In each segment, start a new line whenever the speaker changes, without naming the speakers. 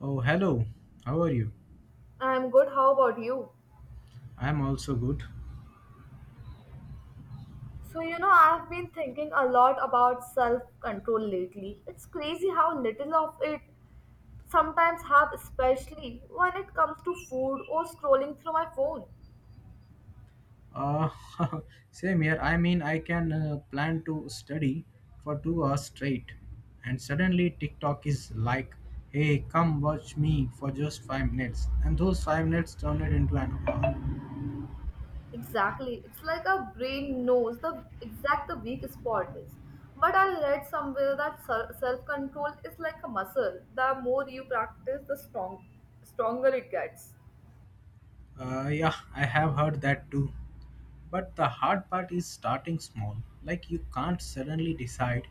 Oh, hello. How are you?
I'm good. How about you?
I'm also good.
So, you know, I've been thinking a lot about self control lately. It's crazy how little of it sometimes have, especially when it comes to food or scrolling through my phone.
Uh, same here. I mean, I can plan to study for 2 hours straight, and suddenly TikTok is like, "Hey, come watch me for just 5 minutes," and those 5 minutes turned it into an hour.
Exactly. It's like our brain knows the weak spot is. But I read somewhere that self control is like a muscle. The more you practice, stronger it gets.
Yeah, I have heard that too. But the hard part is starting small. Like you can't suddenly decide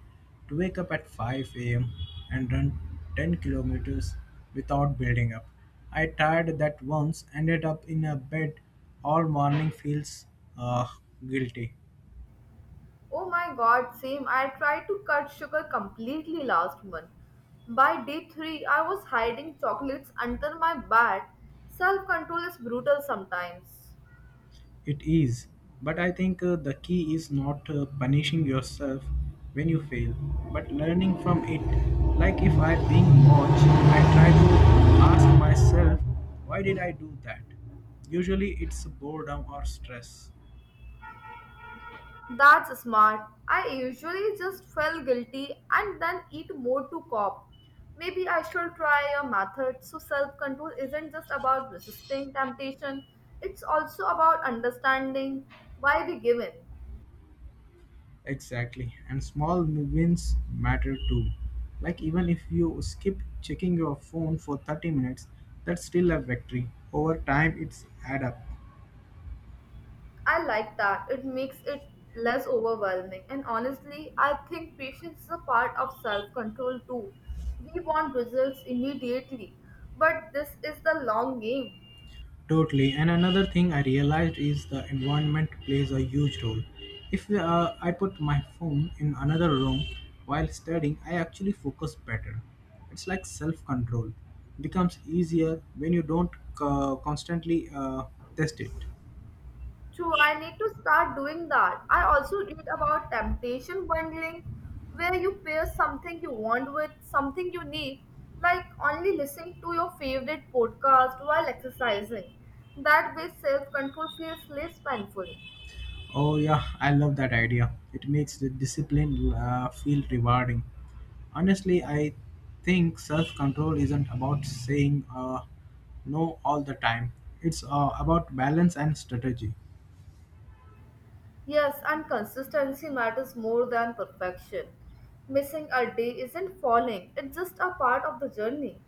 to wake up at 5 a.m. and run 10 kilometers without building up. I tried that once, ended up in a bed all morning, feels uh, guilty.
Oh my god, same. I tried to cut sugar completely last month. By day 3, I was hiding chocolates under my bed. Self control is brutal sometimes.
It is, but I think the key is not punishing yourself when you fail, but learning from it. Like if I'm being watched, I try to ask myself, why did I do that? Usually it's boredom or stress.
That's smart. I usually just feel guilty and then eat more to cope. Maybe I should try a method so self control isn't just about resisting temptation, it's also about understanding why we give in.
Exactly, and small wins matter too. Like even if you skip checking your phone for 30 minutes, that's still a victory. Over time, it's add up.
I like that. It makes it less overwhelming. And honestly, I think patience is a part of self control too. We want results immediately, but this is the long game.
Totally. And another thing I realized is the environment plays a huge role. If I put my phone in another room while studying, I actually focus better. It's like self control. Becomes easier when you don't constantly test it.
True, I need to start doing that. I also read about temptation bundling, where you pair something you want with something you need, like only listening to your favorite podcast while exercising. That way, self control feels less painful.
Oh, yeah, I love that idea. It makes the discipline feel rewarding. Honestly, I think self control isn't about saying no all the time, it's about balance and strategy.
Yes, and consistency matters more than perfection. Missing a day isn't falling, it's just a part of the journey.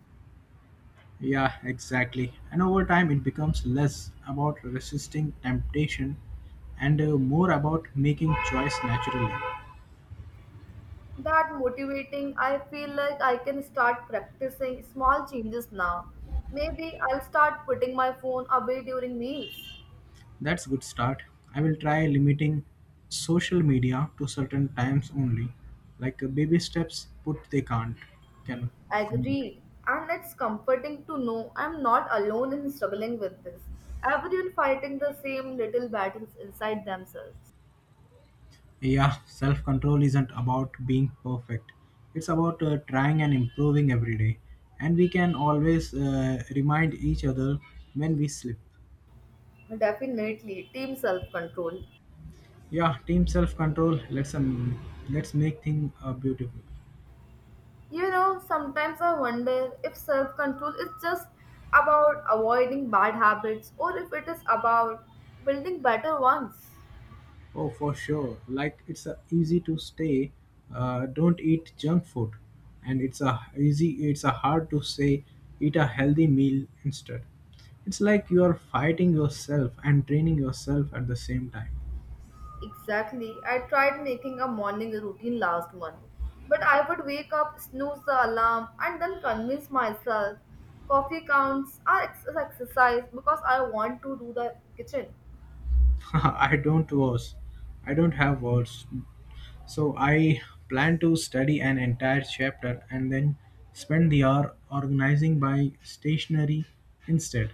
Yeah, exactly. And over time, it becomes less about resisting temptation and more about making choice naturally.
That motivating, I feel like I can start practicing small changes now. Maybe I'll start putting my phone away during meals.
That's good start. I will try limiting social media to certain times only, like baby steps. Put they can't can. Can't.
Agreed. And it's comforting to know I'm not alone in struggling with this. Everyone fighting the same little battles inside themselves.
Yeah, self control isn't about being perfect. It's about trying and improving every day. And we can always remind each other when we slip.
Definitely, team self control.
Yeah, team self control. Let's let's make things beautiful.
You know, sometimes I wonder if self control is just about avoiding bad habits or if it is about building better ones.
Oh, for sure. Like it's easy to stay. Don't eat junk food, and it's a easy. It's a hard to say. Eat a healthy meal instead. It's like you are fighting yourself and training yourself at the same time.
Exactly. I tried making a morning routine last month, but I would wake up, snooze the alarm, and then convince myself coffee counts are exercise because I want to do the kitchen.
I don't was. I don't have words. So I plan to study an entire chapter and then spend the hour organizing my stationery instead.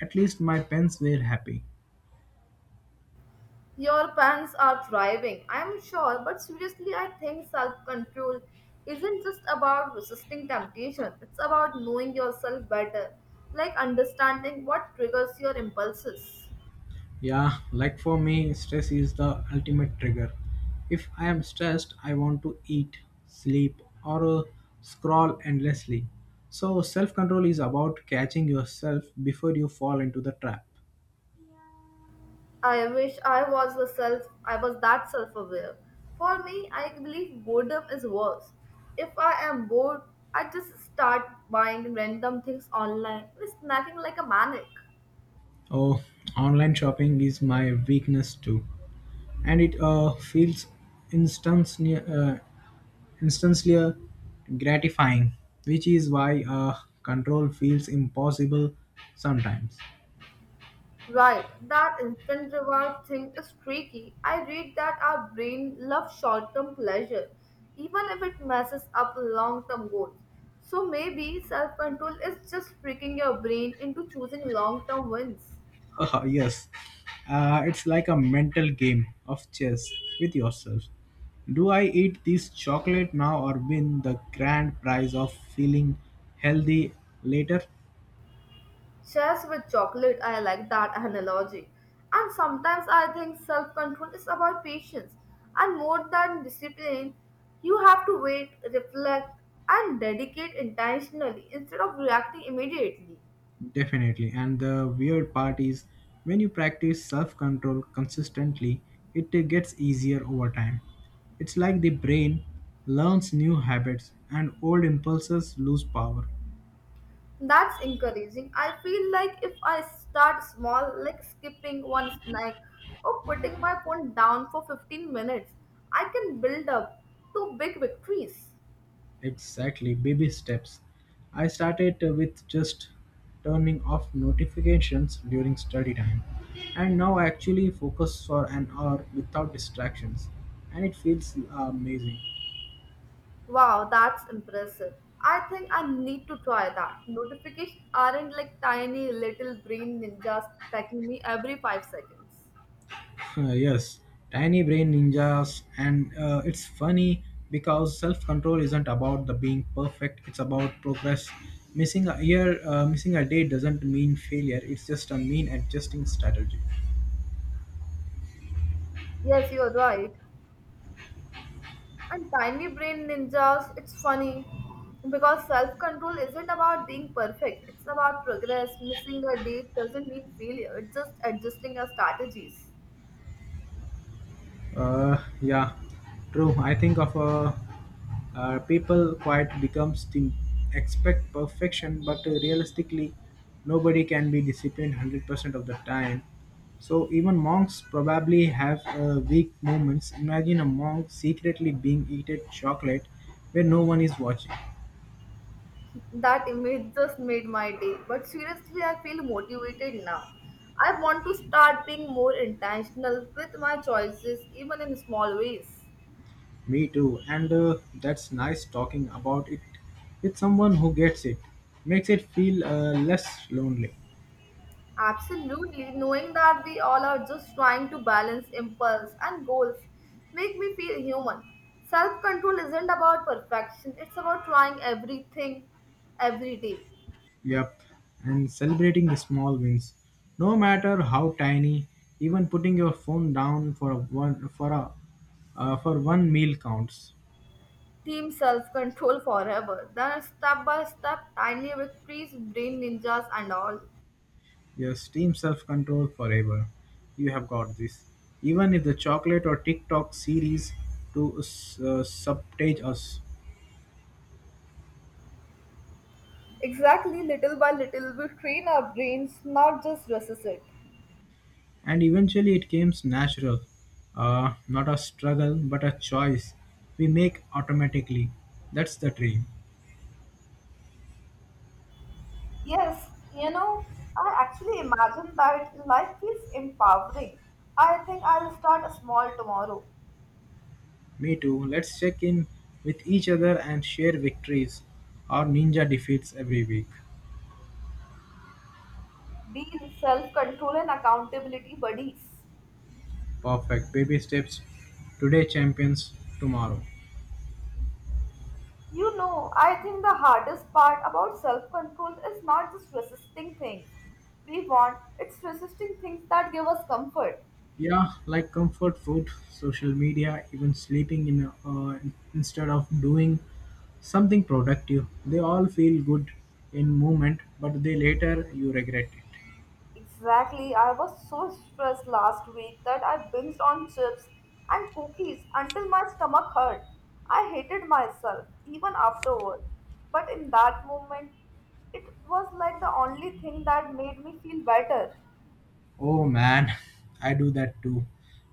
At least my pens were happy.
Your plans are thriving, I am sure, but seriously, I think self control isn't just about resisting temptation, it's about knowing yourself better, like understanding what triggers your impulses.
Yeah, like for me, stress is the ultimate trigger. If I am stressed, I want to eat, sleep, or scroll endlessly. So, self control is about catching yourself before you fall into the trap.
I wish I was the self I was that self aware. For me, I believe boredom is worse. If I am bored, I just start buying random things online, snacking like a maniac.
Oh, online shopping is my weakness too. And it feels instantly, uh, instantly gratifying, which is why control feels impossible sometimes.
Right, that instant reward thing is tricky. I read that our brain loves short term pleasure, even if it messes up long term goals. So maybe self control is just tricking your brain into choosing long term wins.
yes, it's like a mental game of chess with yourself. Do I eat this chocolate now or win the grand prize of feeling healthy later?
Chess with chocolate, I like that analogy. And sometimes I think self control is about patience and more than discipline. You have to wait, reflect, and dedicate intentionally instead of reacting immediately.
Definitely. And the weird part is when you practice self control consistently, it gets easier over time. It's like the brain learns new habits and old impulses lose power.
That's encouraging. I feel like if I start small, like skipping one snack or putting my phone down for 15 minutes, I can build up to big victories.
Exactly, baby steps. I started with just turning off notifications during study time, and now I actually focus for an hour without distractions, and it feels amazing.
Wow, that's impressive. I think I need to try that. Notifications aren't like tiny little brain ninjas attacking me every 5 seconds.
Yes, tiny brain ninjas, and it's funny because self control isn't about the being perfect. It's about progress. Missing a day doesn't mean failure. It's just a mean adjusting strategy.
Yes, you're right. And tiny brain ninjas, it's funny because self control isn't about being perfect, it's about progress. Missing a date doesn't mean failure, it's just adjusting your strategies.
Yeah, true. I think of people quite becomes think expect perfection, but realistically, nobody can be disciplined 100% of the time. So even monks probably have weak moments. Imagine a monk secretly being eaten chocolate where no one is watching.
That image just made my day, but seriously, I feel motivated now. I want to start being more intentional with my choices, even in small ways.
Me too. And that's nice talking about it with someone who gets it. Makes it feel less lonely.
Absolutely, knowing that we all are just trying to balance impulse and goals make me feel human. Self control isn't about perfection, it's about trying everything every day.
Yep, and celebrating the small wins, no matter how tiny. Even putting your phone down for a one for a for one meal counts.
Team self control forever. Then step by step, tiny victories, brain ninjas, and all.
Yes, team self-control forever. You have got this. Even if the chocolate or TikTok series to subtage us,
Exactly, little by little, we train our brains, not just resist it.
and eventually it comes natural, not a struggle but a choice we make automatically. That's the dream.
Yes, you know, I actually imagine that life feels empowering. I think I'll start small tomorrow.
Me too. Let's check in with each other and share victories or ninja defeats every week.
Being self control and accountability buddies.
Perfect. Baby steps. Today, champions. Tomorrow.
You know, I think the hardest part about self control is not just resisting things we want, it's resisting things that give us comfort.
Yeah, like comfort food, social media, even sleeping in a, instead of doing something productive. They all feel good in moment, but they later you regret it.
Exactly. I was so stressed last week that I binged on chips and cookies until my stomach hurt. I hated myself even afterward. But in that moment, it was like the only thing that made me feel better.
Oh man, I do that too.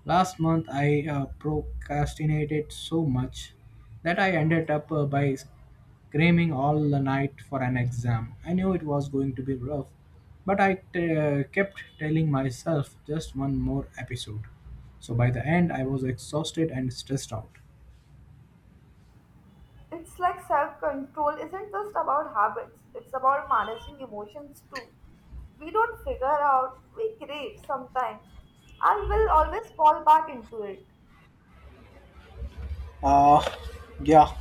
Last month I procrastinated so much that I ended up by screaming all the night for an exam. I knew it was going to be rough, but I kept telling myself just one more episode. So by the end, I was exhausted and stressed out.
It's like self control isn't just about habits, it's about managing emotions too. We don't figure out, we crave sometimes, and will always fall back into it.
Uh, yeah,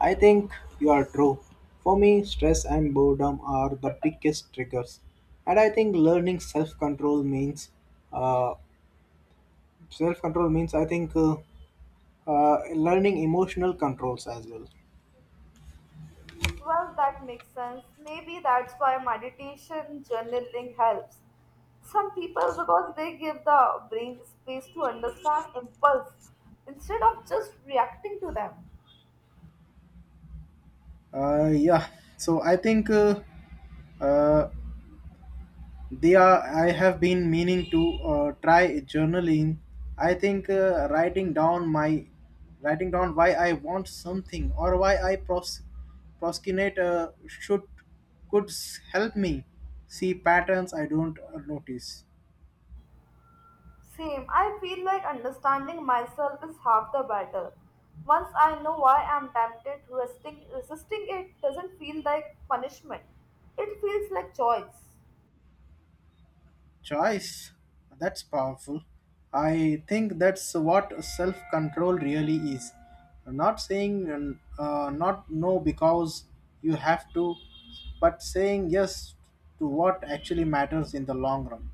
I think you are true. For me, stress and boredom are the biggest triggers, and I think learning uh, self-control means I think learning emotional controls as well.
Well, that makes sense. Maybe that's why meditation journaling helps. Some people, because they give the brain space to understand impulse instead of just reacting to them.
Yeah, so I think uh, they are. I have been meaning to try journaling. I think writing down why I want something or Proskinator should could help me see patterns I don't notice.
Same, I feel like understanding myself is half the battle. Once I know why I'm tempted, resisting it doesn't feel like punishment, it feels like choice.
Choice, that's powerful. I think that's what self-control really is. I'm not saying not no because you have to, but saying yes to what actually matters in the long run.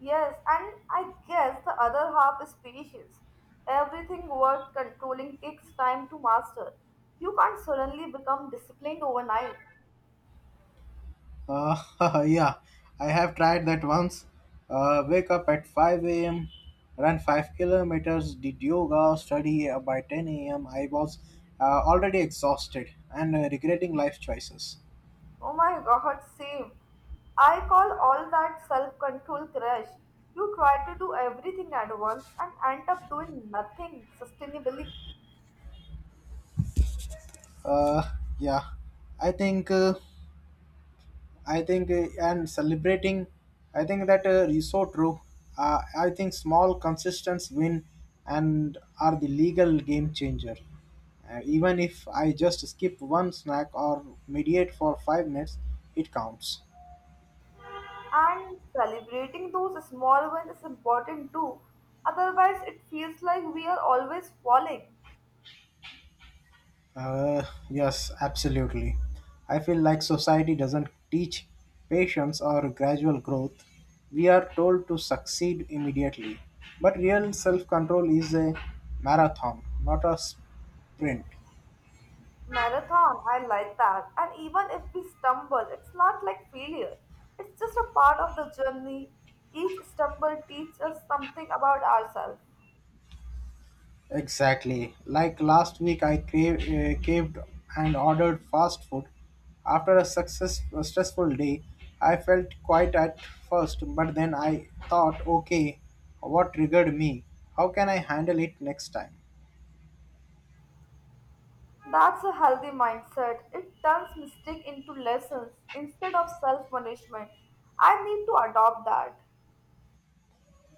Yes, and I guess the other half is patience. Everything worth controlling takes time to master. You can't suddenly become disciplined overnight.
Uh, yeah, I have tried that once. Wake up at 5 a.m., run 5 kilometers, did yoga, study by 10 a.m. I was already exhausted and regretting life choices.
Oh my god, same. I call all that self control crash. You try to do everything at once and end up doing nothing sustainably.
Uh, yeah, I think. Uh, I think and celebrating. I think that is so true. I think small consistent win and are the legal game changer. Even if I just skip one snack or mediate for 5 minutes, it counts.
And celebrating those small wins is important too. Otherwise, it feels like we are always falling.
Uh, yes, absolutely. I feel like society doesn't teach patience or gradual growth. We are told to succeed immediately. But real self control is a marathon, not a sprint.
Marathon, I like that. And even if we stumble, it's not like failure. It's just a part of the journey. Each stumble teaches us something about ourselves.
Exactly. Like last week, I caved and ordered fast food. After a success, a stressful day, I felt quite at first, but then I thought, okay, what triggered me? How can I handle it next time?
That's a healthy mindset. It turns mistake into lessons instead of self-punishment. I need to adopt that.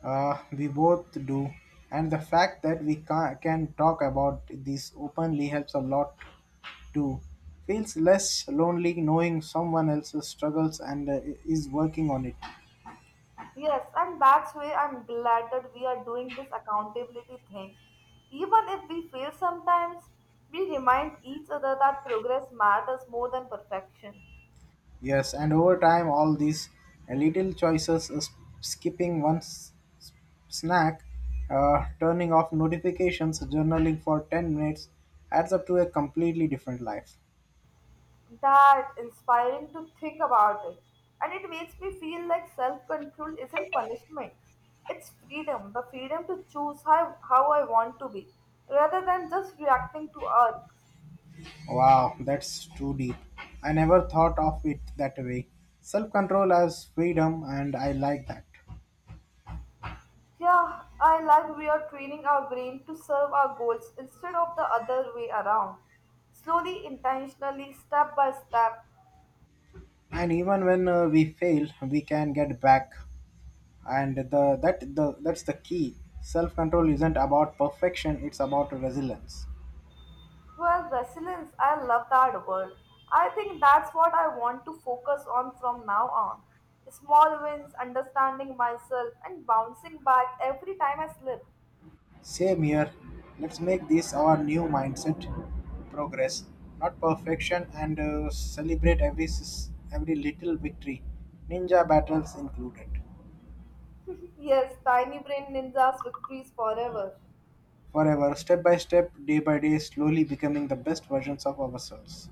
We both do. And the fact that we can talk about this openly helps a lot too. Feels less lonely knowing someone else's struggles and is working on it.
Yes, and that's why I'm glad that we are doing this accountability thing. Even if we fail sometimes, we remind each other that progress matters more than perfection.
Yes, and over time, all these little choices, skipping one s- snack, turning off notifications, journaling for 10 minutes, adds up to a completely different life.
That inspiring to think about it. And it makes me feel like self control isn't punishment. It's freedom, the freedom to choose how I want to be, rather than just reacting to others.
Wow, that's too deep. I never thought of it that way. Self control as freedom, and I like that.
Yeah, I like we are training our brain to serve our goals instead of the other way around. Slowly, intentionally, step by step,
And even when we fail, we can get back. And the that the that's the key. Self control isn't about perfection; it's about resilience.
Well, resilience, I love that word. I think that's what I want to focus on from now on. Small wins, understanding myself, and bouncing back every time I slip.
Same here. Let's make this our new mindset progress, not perfection, and celebrate every little victory, ninja battles included.
Yes, tiny brain ninjas victories forever.
Forever, step by step, day by day, slowly becoming the best versions of ourselves.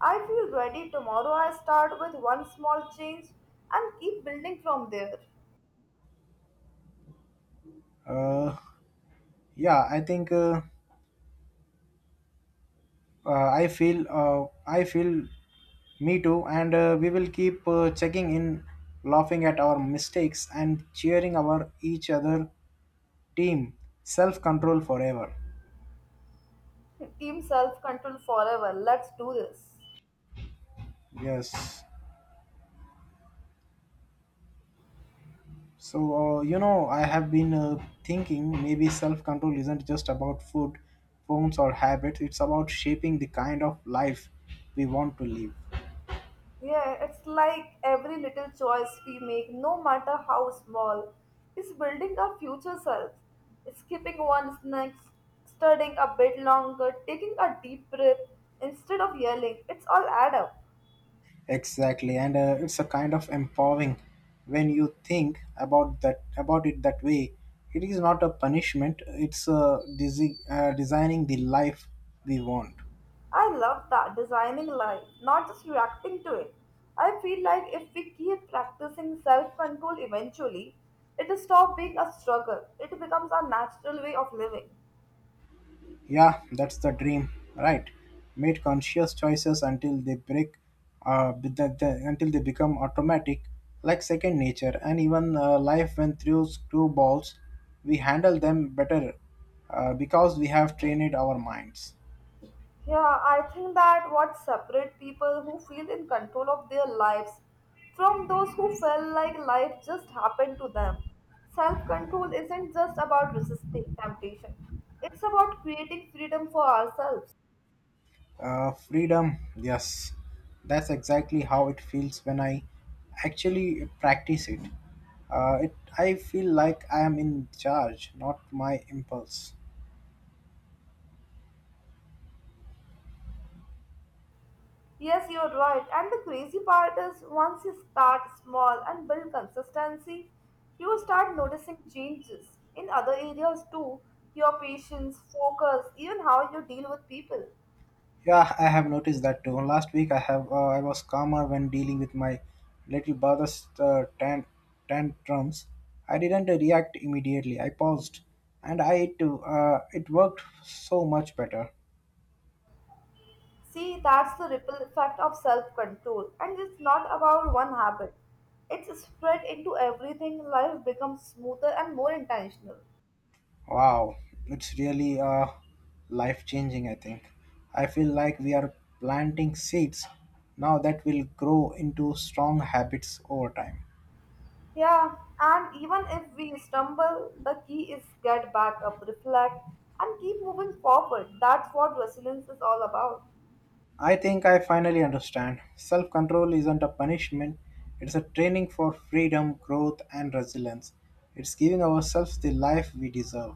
I feel ready tomorrow. I start with one small change and keep building from there.
Uh, yeah, I think I feel me too, and we will keep checking in, laughing at our mistakes, and cheering our each other team self control forever.
Team self control forever. Let's do this.
Yes. So, you know, I have been thinking maybe self control isn't just about food, phones, or habits. It's about shaping the kind of life we want to live.
Yeah, it's like every little choice we make, no matter how small, is building our future selves. Skipping one snack, studying a bit longer, taking a deep breath instead of yelling, it's all add up.
Exactly. And it's a kind of empowering when you think about it that way. It is not a punishment. It's designing the life we want.
I love that, designing life, not just reacting to it. I feel like if we keep practicing self control eventually, it will stop being a struggle. It becomes our natural way of living.
Yeah, that's the dream, right? Made conscious choices until they break, be- the, until they become automatic, like second nature, and even life went through screwballs. We handle them better because we have trained our minds.
Yeah, I think that what separates people who feel in control of their lives from those who felt like life just happened to them. Self control isn't just about resisting temptation, it's about creating freedom for ourselves.
Freedom, yes, that's exactly how it feels when I actually practice it. I feel like I am in charge, not my impulse.
Yes, you're right. And the crazy part is once you start small and build consistency, you start noticing changes in other areas too your patience, focus, even how you deal with people.
Yeah, I have noticed that too. Last week I have I was calmer when dealing with my little brother's tantrums. I didn't react immediately. I paused, and I it it worked so much better.
See, that's the ripple effect of self control, and it's not about one habit. It's spread into everything, life becomes smoother and more intentional.
Wow, it's really life changing. I think I feel like we are planting seeds now that will grow into strong habits over time.
Yeah, and even if we stumble, the key is get back up, reflect, and keep moving forward. That's what resilience is all about.
I think I finally understand. Self control isn't a punishment, it's a training for freedom, growth, and resilience. It's giving ourselves the life we deserve.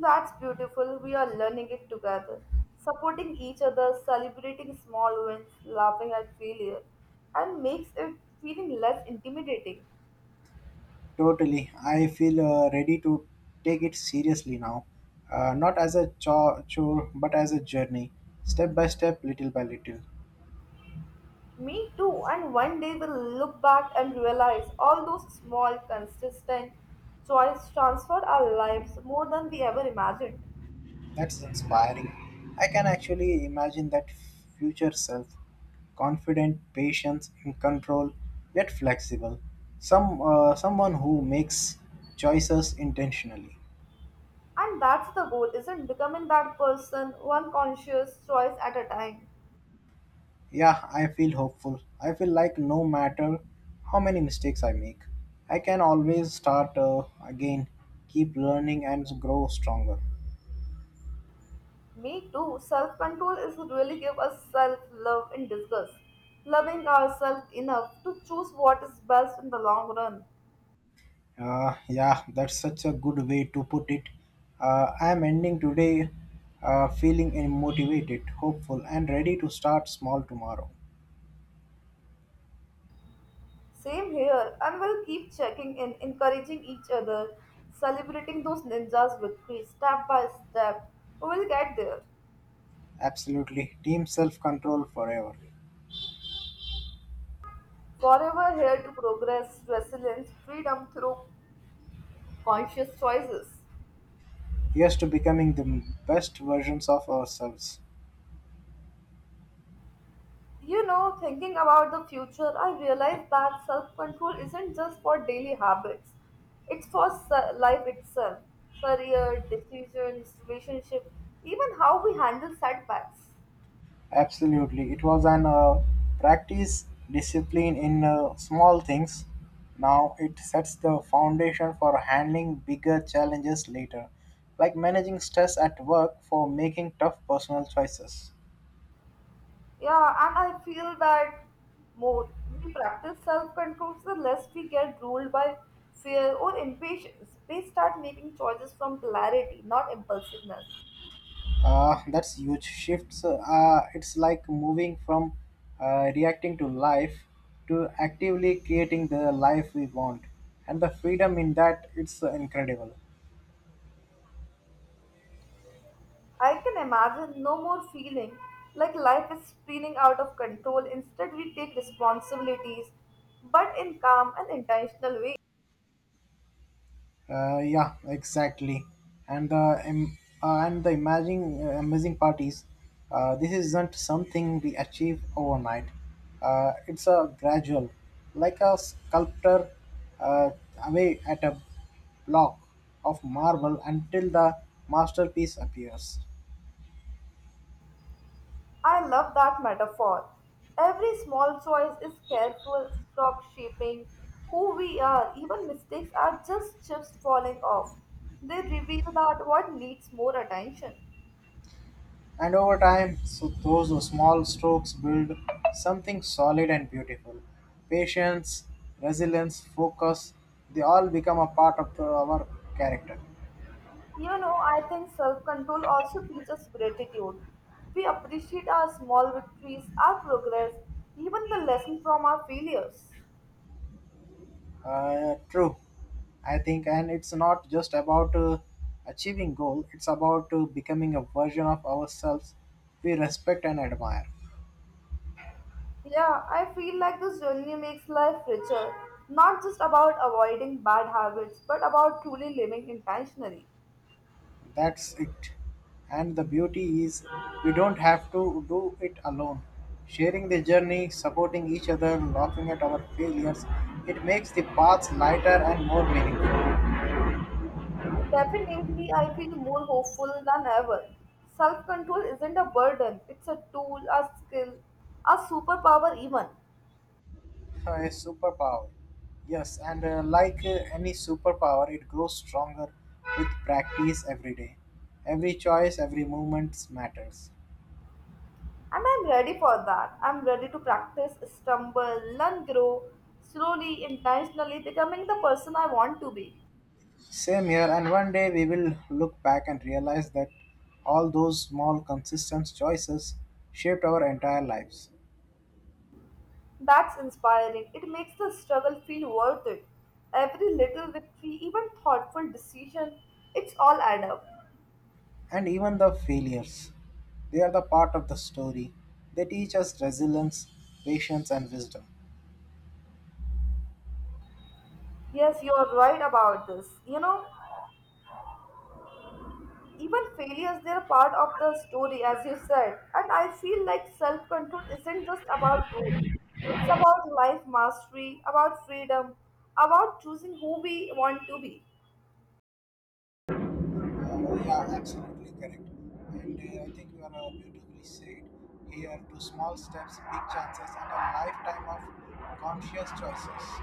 That's beautiful. We are learning it together, supporting each other, celebrating small wins, laughing at failure, and makes it feeling less intimidating.
Totally. I feel ready to take it seriously now. Not as a chore, but as a journey, step by step, little by little.
Me too, and one day we'll look back and realize all those small, consistent choices transformed our lives more than we ever imagined.
That's inspiring. I can actually imagine that future self confident, patient, in control, yet flexible. Someone who makes choices intentionally.
And that's the goal, isn't becoming that person one conscious choice at a time.
Yeah, I feel hopeful. I feel like no matter how many mistakes I make, I can always start again, keep learning, and grow stronger.
Me too, self control is really give us self love in disguise, loving ourselves enough to choose what is best in the long run.
Yeah, that's such a good way to put it. I am ending today feeling motivated, hopeful, and ready to start small tomorrow.
Same here, and we'll keep checking in, encouraging each other, celebrating those ninjas' victories step by step. We will get there.
Absolutely. Team self control forever.
Forever here to progress, resilience, freedom through conscious choices.
Here's to becoming the best versions of ourselves.
You know, thinking about the future, I realize that self control isn't just for daily habits, it's for life itself career, decisions, relationship, even how we handle setbacks.
Absolutely. It was an practice discipline in small things. Now it sets the foundation for handling bigger challenges later, like managing stress at work for making tough personal choices.
Yeah, and I feel that more we practice self control, the less we get ruled by fear or impatience. We start making choices from clarity, not impulsiveness.
That's huge shifts. It's like moving from reacting to life to actively creating the life we want. And the freedom in that, it's incredible.
I can imagine no more feeling like life is spinning out of control. Instead, we take responsibilities, but in calm and intentional ways.
Yeah, exactly. And the amazing amazing part is, this isn't something we achieve overnight. It's a gradual, like a sculptor uh, away at a block of marble until the masterpiece appears.
I love that metaphor. Every small choice is careful stroke shaping who we are. Even mistakes are just chips falling off. They reveal that what needs more attention.
And over time, so those small strokes build something solid and beautiful. Patience, resilience, focus, they all become a part of our character.
You know, I think self-control also teaches gratitude. We appreciate our small victories, our progress, even the lesson from our failures.
True, I think, and it's not just about achieving goal, it's about becoming a version of ourselves we respect and admire.
Yeah, I feel like this journey makes life richer, not just about avoiding bad habits, but about truly living intentionally.
That's it. And the beauty is, we don't have to do it alone. Sharing the journey, supporting each other, laughing at our failures, it makes the paths lighter and more meaningful.
Definitely, I feel more hopeful than ever. Self control isn't a burden, it's a tool, a skill, a superpower, even.
So, a superpower. Yes, and like any superpower, it grows stronger with practice every day. Every choice, every movement matters.
And I'm ready for that. I'm ready to practice, stumble, learn, grow, slowly, intentionally becoming the person I want to be.
Same here, and one day we will look back and realize that all those small, consistent choices shaped our entire lives.
That's inspiring. It makes the struggle feel worth it. Every little victory, even thoughtful decision, it's all add up.
And even the failures, they are the part of the story. They teach us resilience, patience, and wisdom.
Yes, you are right about this. You know, even failures, they are part of the story, as you said. And I feel like self control isn't just about rules, it's about life mastery, about freedom, about choosing who we want to be.
Yeah, absolutely correct. And I think you are beautifully said here to small steps, big chances, and a lifetime of conscious choices.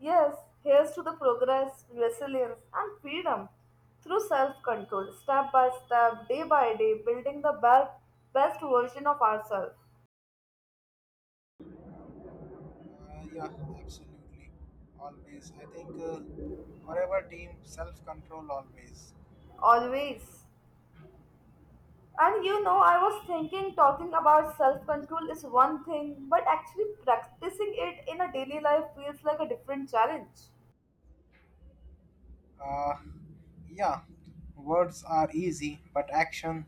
Yes, here's to the progress, resilience, and freedom through self control, step by step, day by day, building the best version of ourselves.
Yeah, absolutely. Always. I think forever team self control always.
Always. And you know, I was thinking talking about self control is one thing, but actually practicing it in a daily life feels like a different challenge.
Uh, yeah, words are easy, but action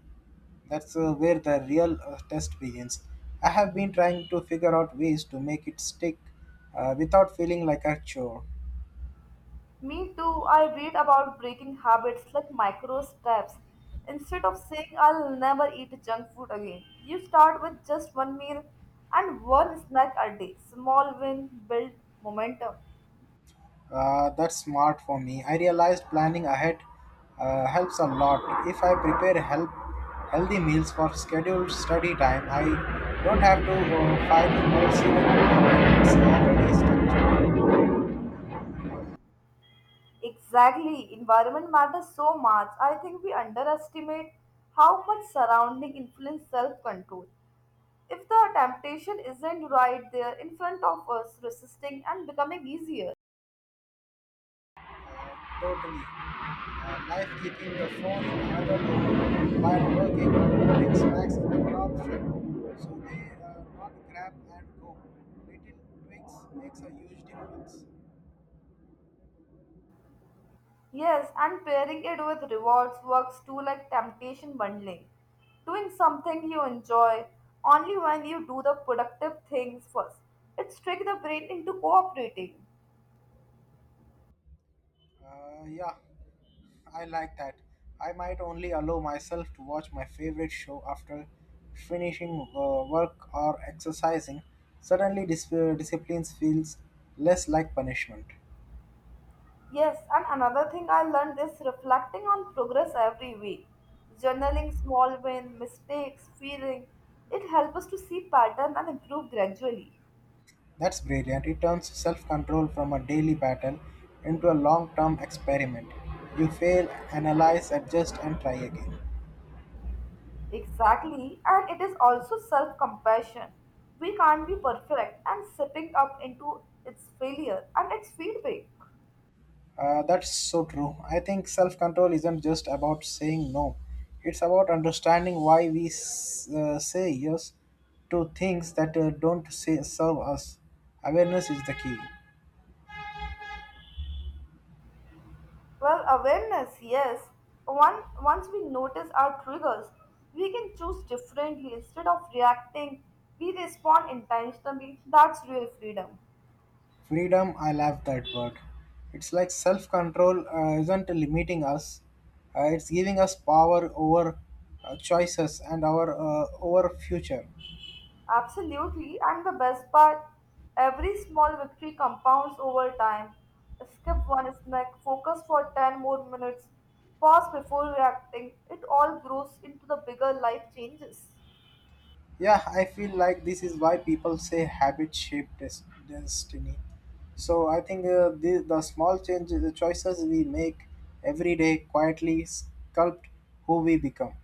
that's where the real test begins. I have been trying to figure out ways to make it stick without feeling like a chore.
Me too, I read about breaking habits like micro steps. Instead of saying I'll never eat junk food again, you start with just one meal and one snack a day. Small win build momentum.
That's smart for me. I realized planning ahead helps a lot. If I prepare help, healthy meals for scheduled study time, I don't have to fight emotions when it's already structured.
Exactly, environment matters so much. I think we underestimate how much surrounding influence self control. If the temptation isn't right there in front of us, resisting and becoming easier.
Uh, Totally. Life keeping the phone in another room while working or putting snacks in the top shelf so they are not grab and go. Little tweaks makes a huge difference.
Yes, and pairing it with rewards works too like temptation bundling. Doing something you enjoy only when you do the productive things first. It tricks the brain into cooperating.
Yeah. I like that. I might only allow myself to watch my favorite show after finishing work or exercising. Suddenly, discipline feels less like punishment.
Yes, and another thing I learned is reflecting on progress every week. Journaling small wins, mistakes, feeling. It helps us to see pattern and improve gradually.
That's brilliant. It turns self control from a daily battle into a long term experiment. You fail, analyze, adjust, and try again.
Exactly, and it is also self compassion. We can't be perfect, and sipping up into its failure and its feedback.
That's so true. I think self control isn't just about saying no, it's about understanding why we say yes to things that don't say, serve us. Awareness is the key.
Well, awareness, yes. Once we notice our triggers, we can choose differently. Instead of reacting, we respond intentionally. That's real freedom.
Freedom, I love that word. It's like self control isn't limiting us, it's giving us power over choices and our over future.
Absolutely, and the best part, every small victory compounds over time. Skip one snack, focus for 10 more minutes, pause before reacting. It all grows into the bigger life changes.
Yeah, I feel like this is why people say habit shape destiny. So I think the small changes, the choices we make every day quietly sculpt who we become.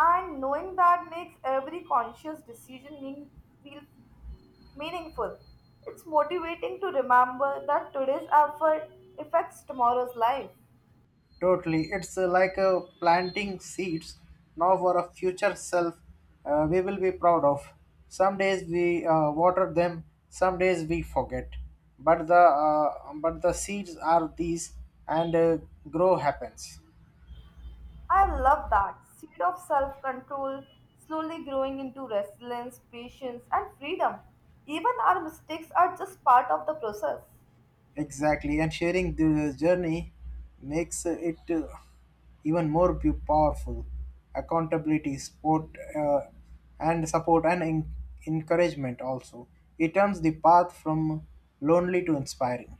And knowing that makes every conscious decision feel meaningful. It's motivating to remember that today's effort affects tomorrow's life.
Totally. It's like planting seeds now for a future self we will be proud of. Some days we water them, some days we forget. But the seeds are these and grow happens.
I love that seed of self control slowly growing into resilience, patience, and freedom. Even our mistakes are just part of the process.
Exactly, and sharing the journey makes it even more powerful. Accountability, support, uh, and support and encouragement also. It turns the path from lonely to inspiring.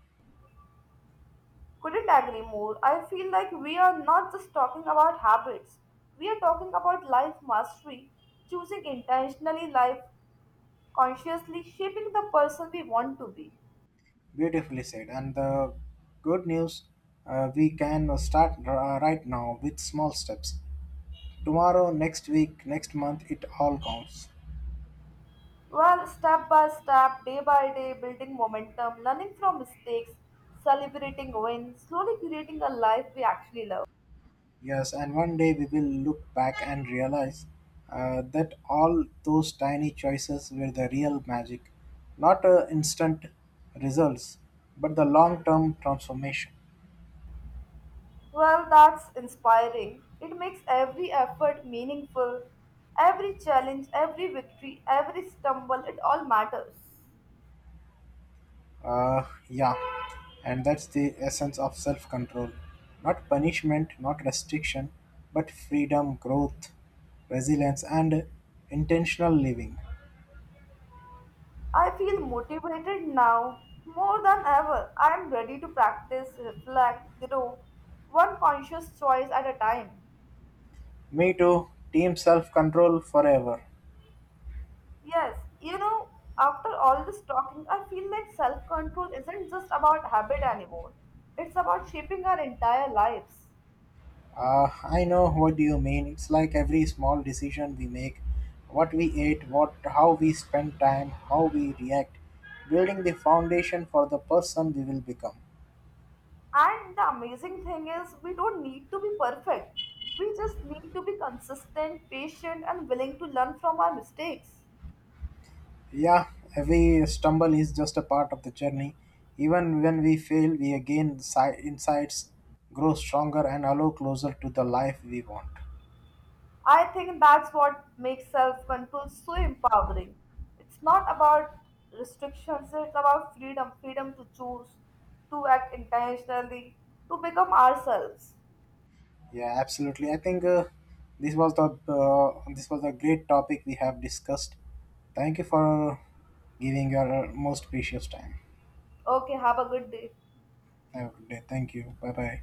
Couldn't agree more. I feel like we are not just talking about habits, we are talking about life mastery, choosing intentionally life consciously shaping the person we want to be.
Beautifully said. And the good news, we can start right now with small steps. Tomorrow, next week, next month, it all counts.
Well, step by step, day by day, building momentum, learning from mistakes, celebrating wins, slowly creating a life we actually love.
Yes, and one day we will look back and realize that all those tiny choices were the real magic, not instant results, but the long term transformation.
Well, that's inspiring. It makes every effort meaningful. Every challenge, every victory, every stumble, it all matters.
Uh, yeah, and that's the essence of self control not punishment, not restriction, but freedom, growth, resilience, and intentional living.
I feel motivated now more than ever. I am ready to practice, reflect, grow, one conscious choice at a time.
Me too, team self control forever.
Yes, you know, after all this talking, I feel like self control isn't just about habit anymore, it's about shaping our entire lives.
I know what you mean. It's like every small decision we make, what we ate, what how we spend time, how we react, building the foundation for the person we will become.
And the amazing thing is, we don't need to be perfect. We just need to be consistent, patient, and willing to learn from our mistakes.
Yeah, every stumble is just a part of the journey. Even when we fail, we again insights, grow stronger, and allow closer to the life we want.
I think that's what makes self control so empowering. It's not about restrictions, it's about freedom to choose, to act intentionally, to become ourselves.
Yeah, absolutely. I think this was a great topic we have discussed. Thank you for giving your most precious time.
Okay, have a good day.
Have a good day. Thank you. Bye bye.